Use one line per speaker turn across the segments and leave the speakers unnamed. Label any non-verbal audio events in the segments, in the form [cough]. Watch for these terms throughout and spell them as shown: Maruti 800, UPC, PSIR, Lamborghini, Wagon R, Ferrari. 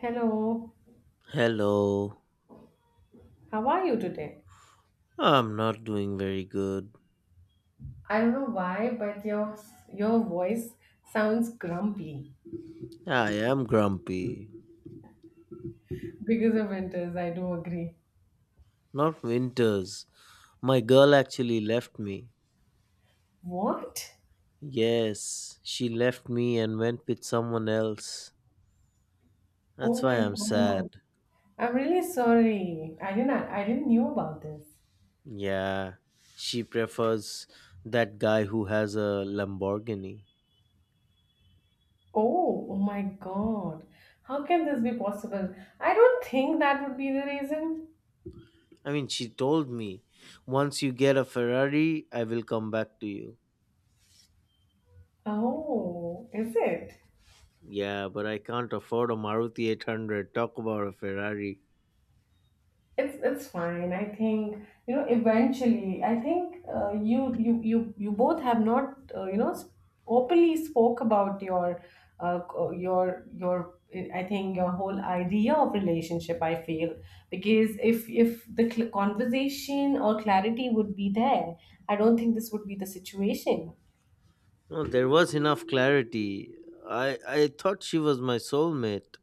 Hello,
Hello.
how are you today?
I'm not doing very good.
I don't know why, but your voice sounds grumpy
I am grumpy.
because of winters. I do agree.
Not Winters. My girl actually left me.
What?
Yes, she left me and went with someone else.
Oh
That's why
my
I'm sad.
god! I'm really sorry. I didn't knew about this.
Yeah, she prefers that guy who has a Lamborghini.
Oh, oh my god! How can this be possible? I don't think that would be the reason.
I mean, she told me, once you get a Ferrari, I will come back to you.
Oh, is it?
Yeah, but I can't afford a Maruti 800. Talk about a Ferrari.
It's fine. I think, eventually. I think, you both have not, openly spoke about your, co- your I think your whole idea of relationship. I feel, because if the conversation or clarity would be there, I don't think this would be the situation.
No, there was enough clarity. I thought she was my soulmate.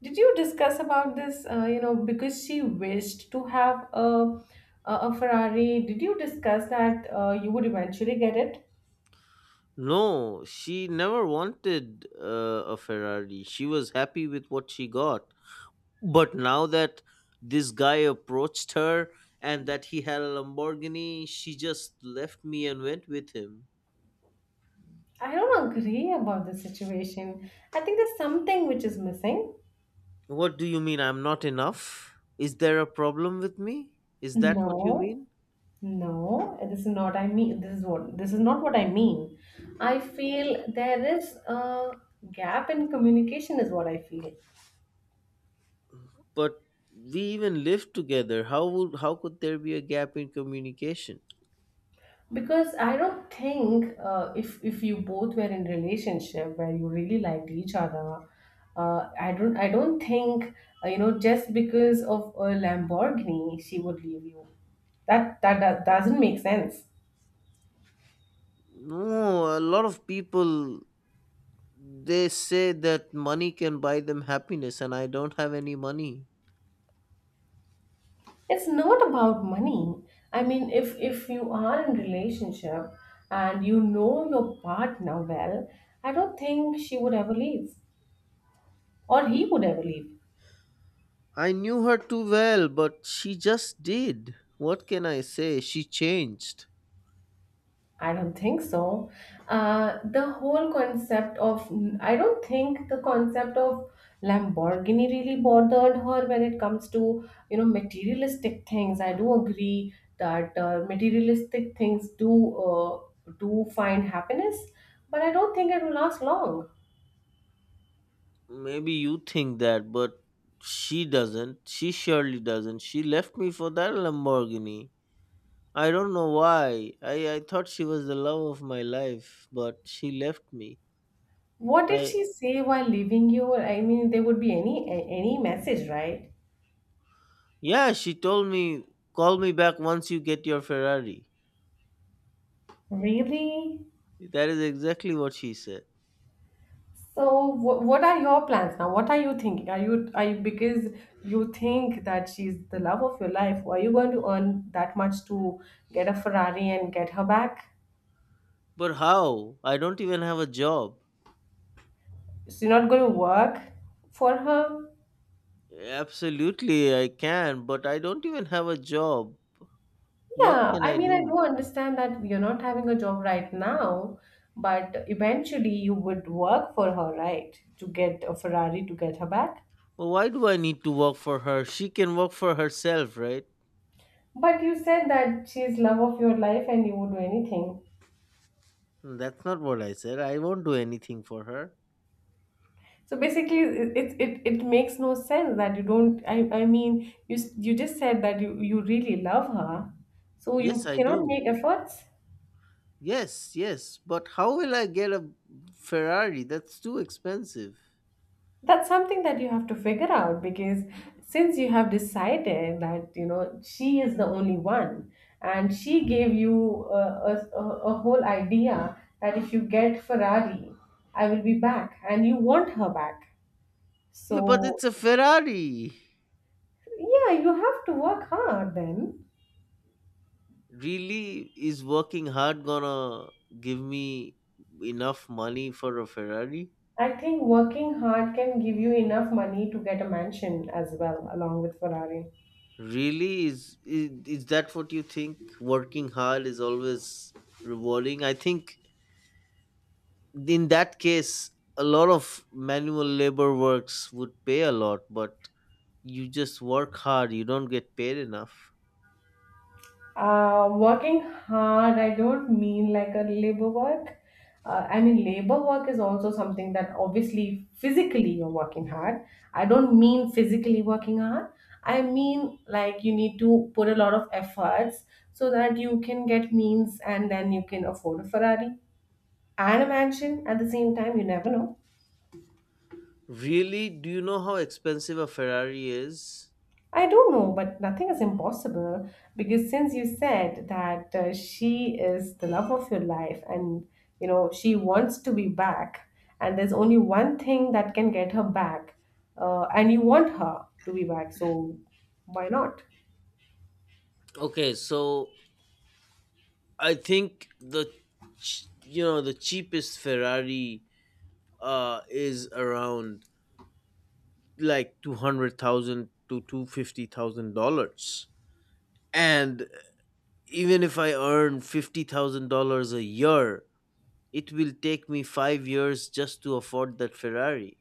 Did you discuss about this? Because she wished to have a Ferrari. Did you discuss that you would eventually get it?
No, she never wanted a Ferrari. She was happy with what she got. But now that this guy approached her and that he had a Lamborghini, she just left me and went with him.
I don't agree about the situation. I think there's something which is missing.
What do you mean I'm not enough? Is there a problem with me? Is that what you
No,
mean?
no, this is not I mean, this is not what I mean. I feel there is a gap in communication is what I feel.
But we even lived together. How could there be a gap in communication?
Because I don't think, if you both were in relationship where you really liked each other, I don't think, just because of a Lamborghini she would leave you. That doesn't make sense.
No, a lot of people they say that money can buy them happiness, and I don't have any money.
It's not about money. I mean, if you are in relationship and you know your partner well, I don't think she would ever leave, or he would ever leave.
I knew her too well, but she just did. What can I say? She changed.
I don't think so. Uh, the whole concept of I don't think the concept of Lamborghini really bothered her when it comes to, you know, materialistic things. I do agree that, materialistic things uh, do find happiness, but I don't think it will last long.
Maybe you think that, but she doesn't. She surely doesn't. She left me for that Lamborghini. I don't know why. I thought she was the love of my life, but she left me.
What did
I
she say while leaving you? I mean, there would be any any message, right?
yeah, she told me, call me back once you get your Ferrari.
Really?
That is exactly what she said.
So, what are your plans now? What are you thinking? Are you, because you think that she's the love of your life? Are you going to earn that much to get a Ferrari and get her back?
But how? I don't even have a job.
So you're not going to work for her?
Absolutely, I can, but I don't even have a job. What
Yeah,
can
I
I
mean, I do
do?
understand that you're not having a job right now, but eventually you would work for her, right? To get a Ferrari to get her back.
Well, why do I need to work for her? She can work for herself, right?
But you said that she's love of your life and you would do anything.
Hmm, that's not what I said. I won't do anything for her.
So basically, it makes no sense that you don't. I mean, you just said that you really love her, so
Yes,
you
I
cannot
do.
make efforts.
Yes, yes, but how will I get a Ferrari? That's too expensive.
That's something that you have to figure out, because since you have decided that, she is the only one, and she gave you a, a a whole idea that if you get Ferrari, I will be back, and you want her back.
Yeah, but
So.
it's a Ferrari.
Yeah, you have to work hard then.
Really, is working hard gonna give me enough money for a Ferrari?
I think working hard can give you enough money to get a mansion as well, along with Ferrari.
Really, is that what you think? Working hard is always rewarding, I think? In that case, a lot of manual labor works would pay a lot, but you just work hard, you don't get paid enough.
Working hard, I don't mean like a labor work. I mean, labor work is also something that obviously physically you're working hard. I don't mean physically working hard. I mean, like, you need to put a lot of efforts so that you can get means and then you can afford a Ferrari and a mansion at the same time. You never know.
Really, do you know how expensive a Ferrari is?
I don't know, but nothing is impossible, because since you said that, she is the love of your life and, you know, she wants to be back, and there's only one thing that can get her back, and you want her to be back, so why not?
Okay, so I think the you know, the cheapest Ferrari is around like 200,000 to $250,000. And even if I earn $50,000 a year, it will take me 5 years just to afford that Ferrari.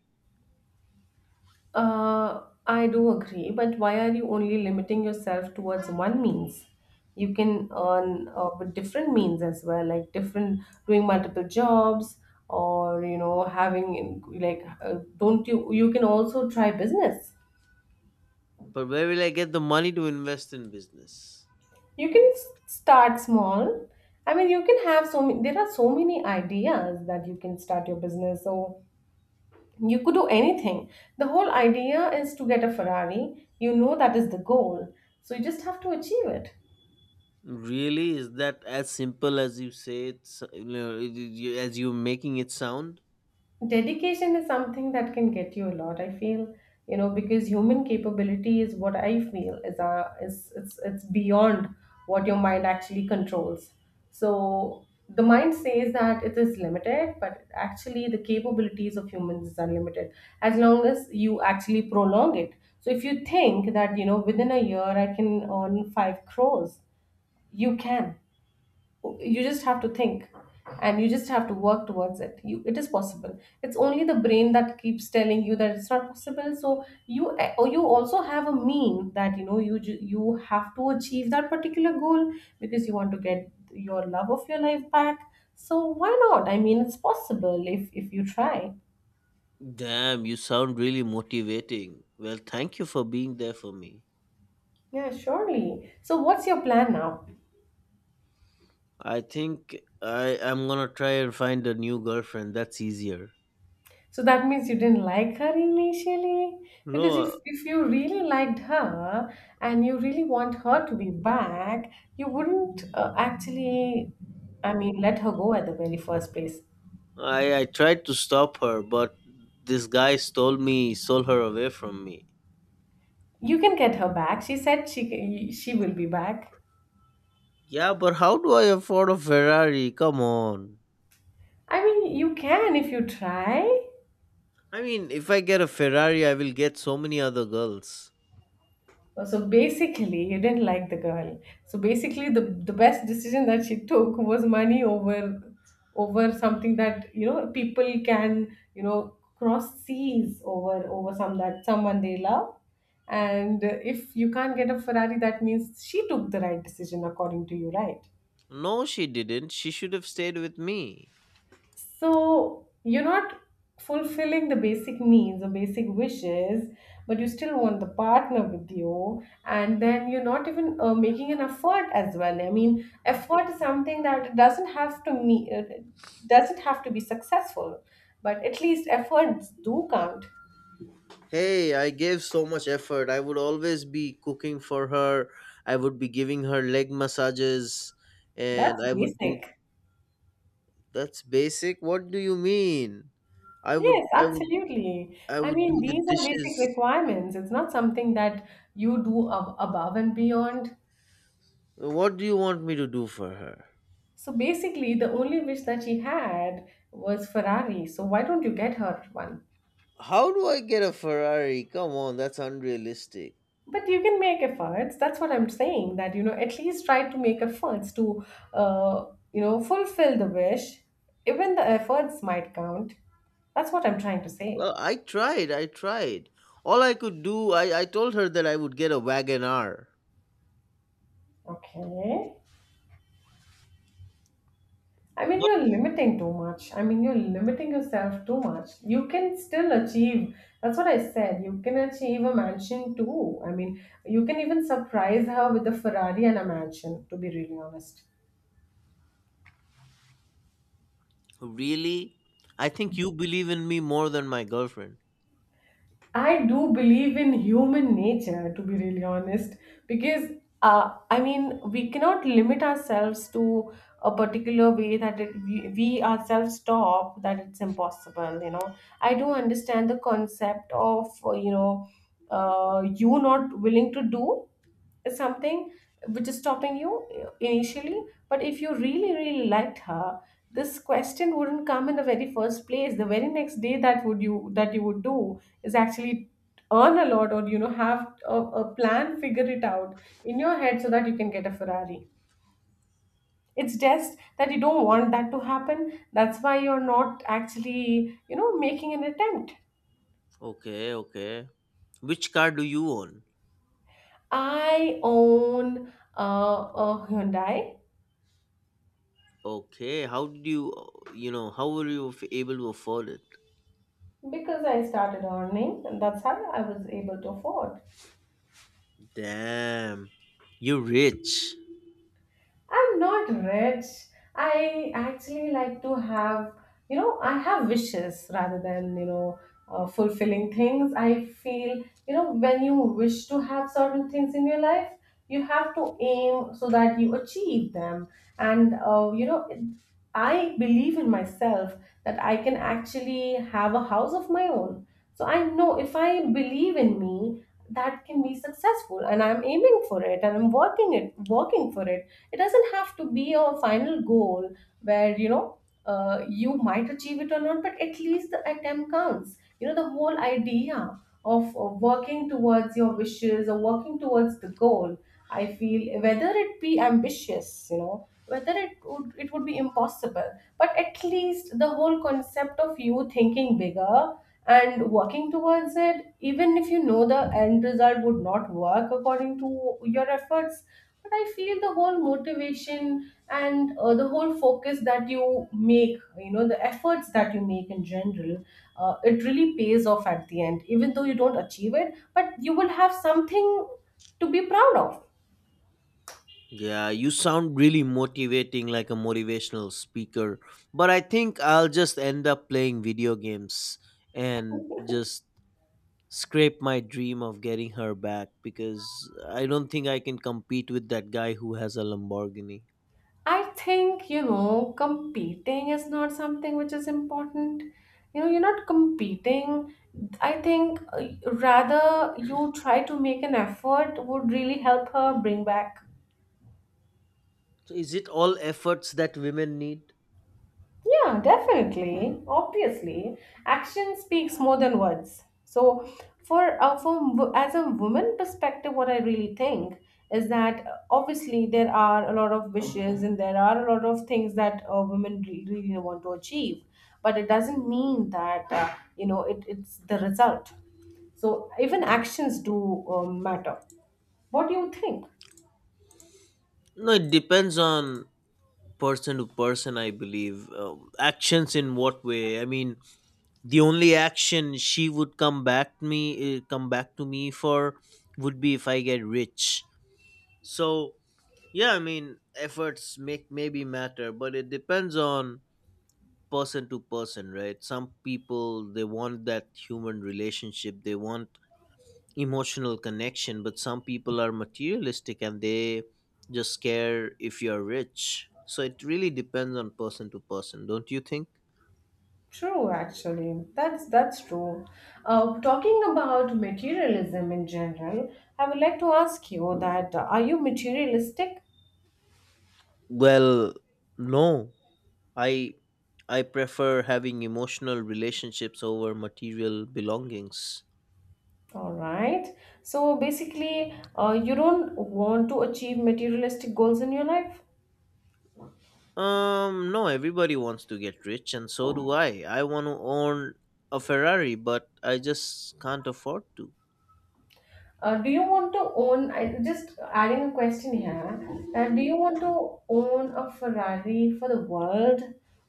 I do agree, but why are you only limiting yourself towards one means? You can earn, with different means as well, like different, doing multiple jobs, or, you know, having like, don't you can also try business.
But where will I get the money to invest in business?
You can start small. I mean, you can have so many, there are so many ideas that you can start your business. So you could do anything. The whole idea is to get a Ferrari. You know that is the goal. So you just have to achieve it.
Really, is that as simple as you say you know, as you're making it sound?
Dedication is something that can get you a lot. I feel, you know, because human capability is what I feel is a is it's beyond what your mind actually controls. So the mind says that it is limited, but actually the capabilities of humans is unlimited as long as you actually prolong it. So if you think that, you know, within a year I can earn 5 crores, you can you just have to think, and you just have to work towards it. You, it is possible. It's only the brain that keeps telling you that it's not possible. So you, or you also have a mean that, you know, you have to achieve that particular goal, because you want to get your love of your life back. So why not? I mean, it's possible if you try.
Damn, you sound really motivating. Well, thank you for being there for me.
Yeah, surely. So what's your plan now?
I think I'm gonna try and find a new girlfriend. That's easier.
So that means you didn't like her initially? Because
No,
if you really liked her and you really want her to be back, you wouldn't, actually, I mean, let her go at the very first place.
I tried to stop her, but this guy stole me, stole her away from me.
You can get her back. She said she will be back.
Yeah, but how do I afford a Ferrari? Come on.
I mean, you can if you try.
I mean, if I get a Ferrari, I will get so many other girls.
Oh, so basically, you didn't like the girl. So basically, the best decision that she took was money over, something that, you know, people can, you know, cross seas over, someone they love. And, if you can't get a Ferrari, that means she took the right decision according to you, right?
No, she didn't. She should have stayed with me.
So you're not fulfilling the basic needs or basic wishes, but you still want the partner with you, and then you're not even, making an effort as well. I mean, effort is something that doesn't have to me, doesn't have to be successful, but at least efforts do count.
Hey, I gave so much effort. I would always be cooking for her. I would be giving her leg massages and
That's
I would do—
basic.
That's basic. What do you mean? I would
Yes,
I would
absolutely.
I
I
would
mean,
do the
these are basic
dishes.
requirements. It's not something that you do above and beyond.
What do you want me to do for her?
So basically, the only wish that she had was Ferrari. So why don't you get her one?
How do I get a Ferrari? Come on, that's unrealistic.
But you can make efforts. That's what I'm saying. That, at least try to make efforts to, uh, fulfill the wish. Even the efforts might count. That's what I'm trying to say.
Well, I tried. I tried. All I could do, I told her that I would get a Wagon R.
Okay. I mean,
But
you're limiting too much. I mean, you're limiting yourself too much. You can still achieve. That's what I said. You can achieve a mansion too. I mean, you can even surprise her with a Ferrari and a mansion, to be really honest.
really? I think you believe in me more than my girlfriend.
I do believe in human nature, to be really honest, because, I mean, we cannot limit ourselves to a particular way that we ourselves stop, that it's impossible, you know. I do understand the concept of, you not willing to do something which is stopping you initially. But if you really, really liked her, this question wouldn't come in the very first place. The very next day that, would you that you would do is actually earn a lot, or, you know, have a plan, figure it out in your head so that you can get a Ferrari. It's just that you don't want that to happen. That's why you're not actually, you know, making an attempt.
Okay, okay. Which car do you own?
I own, a Hyundai.
Okay, how did you, you know, how were you able to afford it?
Because I started earning, and that's how I was able to afford.
Damn, you rich.
I'm not rich. I actually like to have, you know, I have wishes rather than, you know, fulfilling things. I feel, you know, when you wish to have certain things in your life, you have to aim so that you achieve them. And, I believe in myself that I can actually have a house of my own. So I know if I believe in me, that can be successful, and I'm aiming for it, and I'm working for it. It doesn't have to be a final goal where, you know, you might achieve it or not, but at least the attempt counts. You know, the whole idea of working towards your wishes or working towards the goal, I feel, whether it be ambitious, you know, whether it would be impossible, but at least the whole concept of you thinking bigger and working towards it, even if you know the end result would not work according to your efforts. But I feel the whole motivation and the whole focus that you make, you know, the efforts that you make in general, it really pays off at the end. Even though you don't achieve it, but you will have something to be proud of.
Yeah, you sound really motivating like a motivational speaker. But I think I'll just end up playing video games and just scrape my dream of getting her back because I don't think I can compete with that guy who has a Lamborghini.
I think, you know, competing is not something which is important. You know, you're not competing. I think rather you try to make an effort would really help her bring back.
So is it all efforts that women need?
Yeah, definitely. Obviously, action speaks more than words. So, as a woman perspective, what I really think is that obviously there are a lot of wishes and there are a lot of things that women really want to achieve, but it doesn't mean that you know it's the result. So even actions do matter. What do you think?
No, it depends on person to person, I believe. Actions in what way? I mean, the only action she would come back to me for would be if I get rich. So yeah, I mean efforts make maybe matter, but it depends on person to person, right? Some people they want that human relationship, they want emotional connection, but some people are materialistic and they just care if you're rich. So it really depends on person to person, don't you think?
True, actually, that's true. Talking about materialism in general, I would like to ask you that are you materialistic?
Well, no, I prefer having emotional relationships over material belongings.
All right. So basically, you don't want to achieve materialistic goals in your life.
No, everybody wants to get rich and so do I. I want to own a Ferrari, but I just can't afford to.
Do you want to own? I just adding a question here. Do you want to own a Ferrari for the world,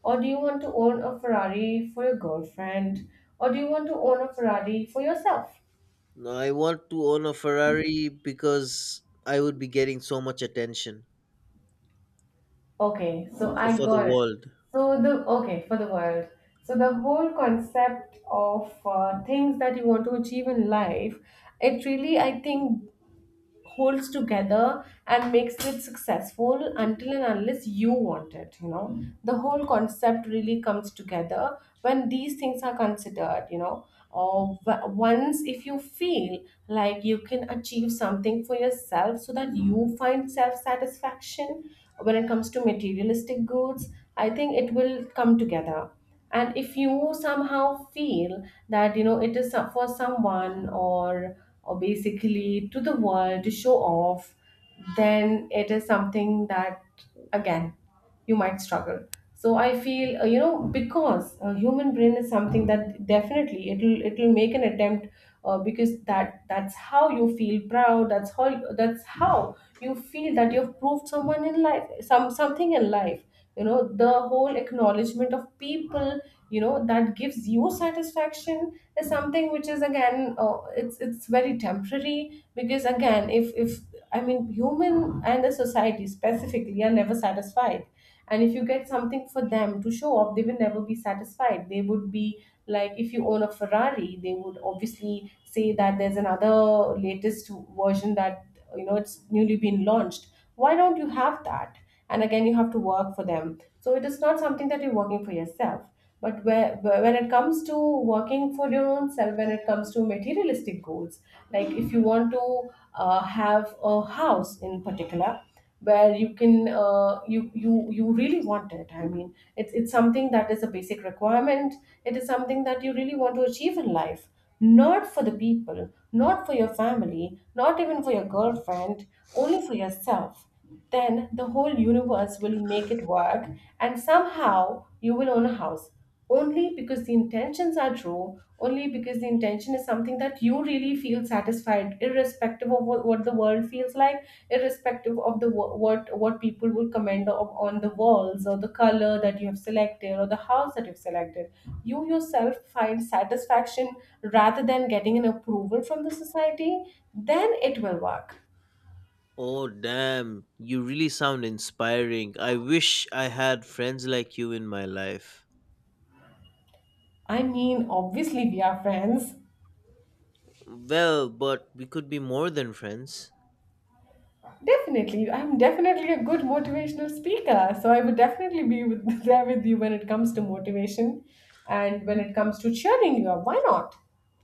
or do you want to own a Ferrari for your girlfriend, or do you want to own a Ferrari for yourself?
No, I want to own a Ferrari because I would be getting so much attention.
Okay, so
So
I
for the
got it.
world.
So the okay for the world. So the whole concept of things that you want to achieve in life, it really, I think, holds together and makes it successful until and unless you want it, you know. Mm. The whole concept really comes together when these things are considered, you know. Or once if you feel like you can achieve something for yourself so that you find self satisfaction when it comes to materialistic goods, I think it will come together. And if you somehow feel that, you know, it is for someone, or basically to the world to show off, then it is something that, again, you might struggle. So I feel, you know, because human brain is something that definitely it'll make an attempt, because that's how you feel proud. That's how, that's how you feel that you've proved someone in life, some something in life. You know, the whole acknowledgement of people, you know, that gives you satisfaction is something which is, again, it's very temporary. Because again, if I mean, human and the society specifically are never satisfied, and if you get something for them to show off, they will never be satisfied. They would be like, if you own a Ferrari, they would obviously say that there's another latest version that, you know, it's newly been launched. Why don't you have that? And again, you have to work for them. So it is not something that you're working for yourself. But where, when it comes to working for your own self, when it comes to materialistic goals, like if you want to have a house in particular, where you can you really want it, I mean, it's something that is a basic requirement. It is something that you really want to achieve in life, not for the people, not for your family, not even for your girlfriend, only for yourself. Then the whole universe will make it work, and somehow you will own a house, only because the intentions are true, only because the intention is something that you really feel satisfied, irrespective of what the world feels like, irrespective of the what people will comment of, on the walls or the color that you have selected or the house that you've selected. You yourself find satisfaction rather than getting an approval from the society, then it will work.
Oh damn, you really sound inspiring. I wish I had friends like you in my life.
I mean, obviously we are friends.
Well, but we could be more than friends.
Definitely. I'm definitely a good motivational speaker. So I would definitely be with, [laughs] there with you when it comes to motivation and when it comes to cheering you up. Why not?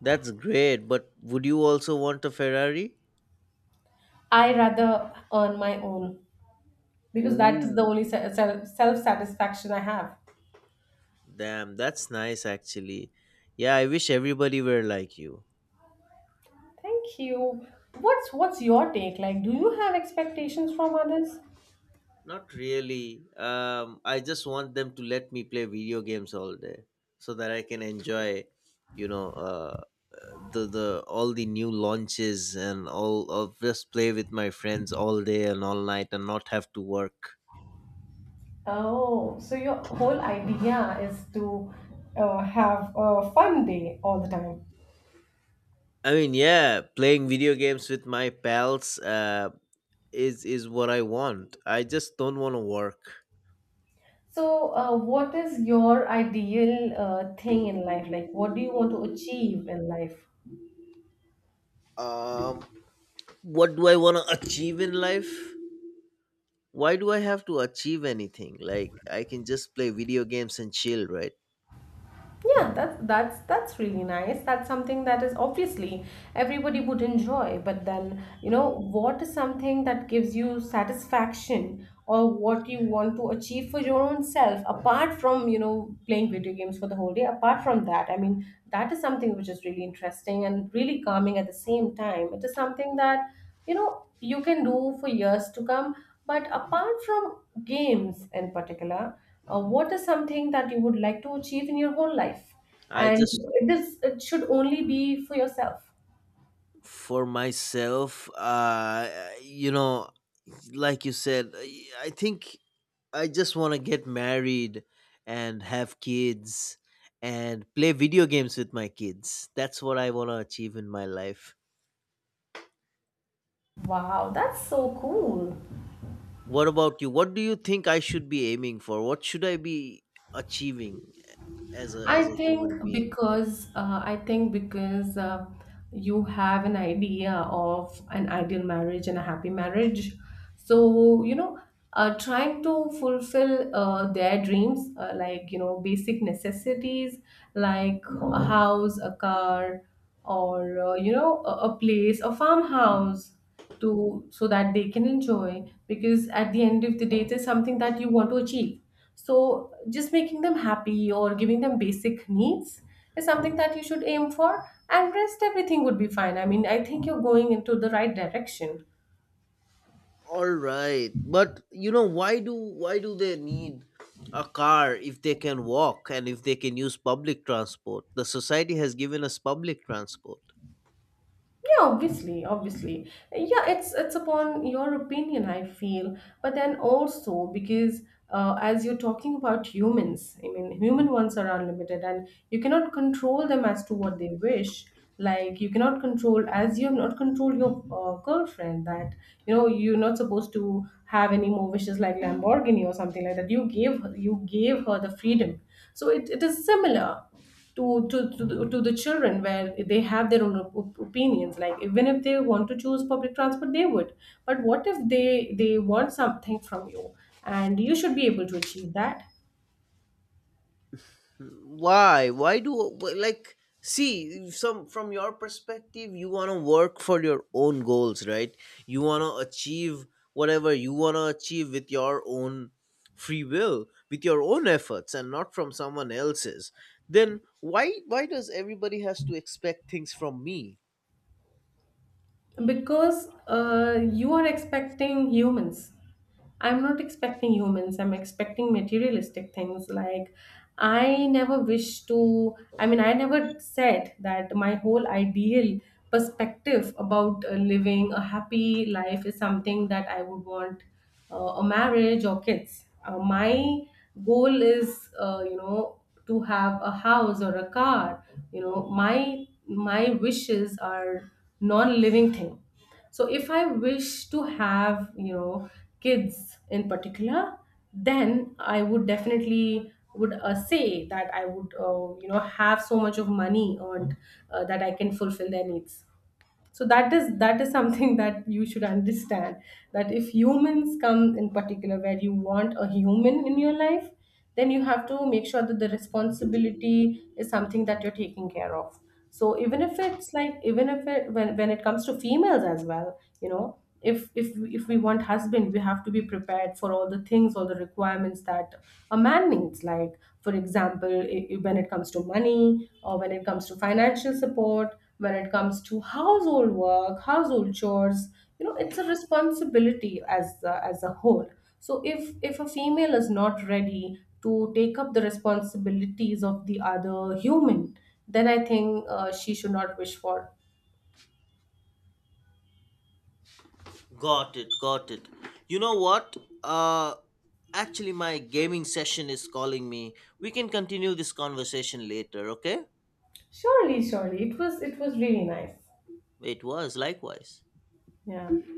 That's great, but would you also want a Ferrari?
I rather earn my own, because that is the
Ooh.
only self satisfaction I have.
Damn, that's nice actually. Yeah, I wish everybody were like you.
Thank you. What's your take? Like, do you have expectations from others?
Not really. I just want them to let me play video games all day so that I can enjoy, you know, the all the new launches and all of just play with my friends all day and all night and not have to work.
Oh, so your whole idea is to have a fun day all the time.
I mean, yeah, playing video games with my pals. Is what I want. I just don't want to work.
So, what is your ideal thing in life? Like, what do you want to achieve in life?
Um, what do I want to achieve in life? Why do I have to achieve anything? Like I can just play video games and chill, right?
Yeah, that's really nice. That's something that is obviously everybody would enjoy. But then, you know, what is something that gives you satisfaction, or what you want to achieve for your own self apart from, you know, playing video games for the whole day? Apart from that, I mean, that is something which is really interesting and really calming at the same time. It is something that, you know, you can do for years to come. But apart from games in particular, what is something that you would like to achieve in your whole life?
I
And
just
this, it should only be for yourself.
for myself, you know, like you said, I think I just want to get married and have kids and play video games with my kids. That's what I want to achieve in my life.
Wow, that's so cool.
What about you? What do you think I should be aiming for? What should I be achieving as a human being?
I think because you have an idea of an ideal marriage and a happy marriage, so you know, trying to fulfill their dreams, like you know, basic necessities like a house, a car, or you know, a place, a farmhouse. To, so that they can enjoy, because at the end of the day it is something that you want to achieve. So, just making them happy or giving them basic needs is something that you should aim for, and rest everything would be fine. I mean, I think you're going into the right direction.
All right. But you know, why do they need a car if they can walk and if they can use public transport? The society has given us public transport.
Yeah, obviously, obviously. Yeah, it's upon your opinion, I feel. But then also, because as you're talking about humans, I mean, human ones are unlimited, and you cannot control them as to what they wish. Like you cannot control, as you have not controlled your girlfriend, that you know you're not supposed to have any more wishes like Lamborghini or something like that. You gave her the freedom, so it is similar to the children, where they have their own opinions. Like, even if they want to choose public transport they would, but what if they want something from you, and you should be able to achieve that.
Why do, like, see, some from your perspective, you want to work for your own goals, right? You want to achieve whatever you want to achieve with your own free will, with your own efforts and not from someone else's. Then why does everybody has to expect things from me?
Because you are expecting humans. I'm not expecting humans, I'm expecting materialistic things. Like, I never wish to, I mean, I never said that my whole ideal perspective about living a happy life is something that I would want a marriage or kids. My goal is, you know, to have a house or a car. You know, my wishes are non-living thing. So if I wish to have, you know, kids in particular, then I would definitely would say that I would you know, have so much of money earned, that I can fulfill their needs. So that is, that is something [laughs] that you should understand. That if humans come in particular, where you want a human in your life, then you have to make sure that the responsibility is something that you're taking care of. So even if it's like, even if it when it comes to females as well, you know, if if we want husband, we have to be prepared for all the things, all the requirements that a man needs. Like for example, when it comes to money, or when it comes to financial support, when it comes to household work, household chores, you know, it's a responsibility as a whole. So if a female is not ready to take up the responsibilities of the other human, then I think she should not wish for.
Got it got it, you know what, uh actually my gaming session is calling me. We can continue this conversation later, okay?
Surely, surely. It was, it was really nice.
It was likewise.
Yeah.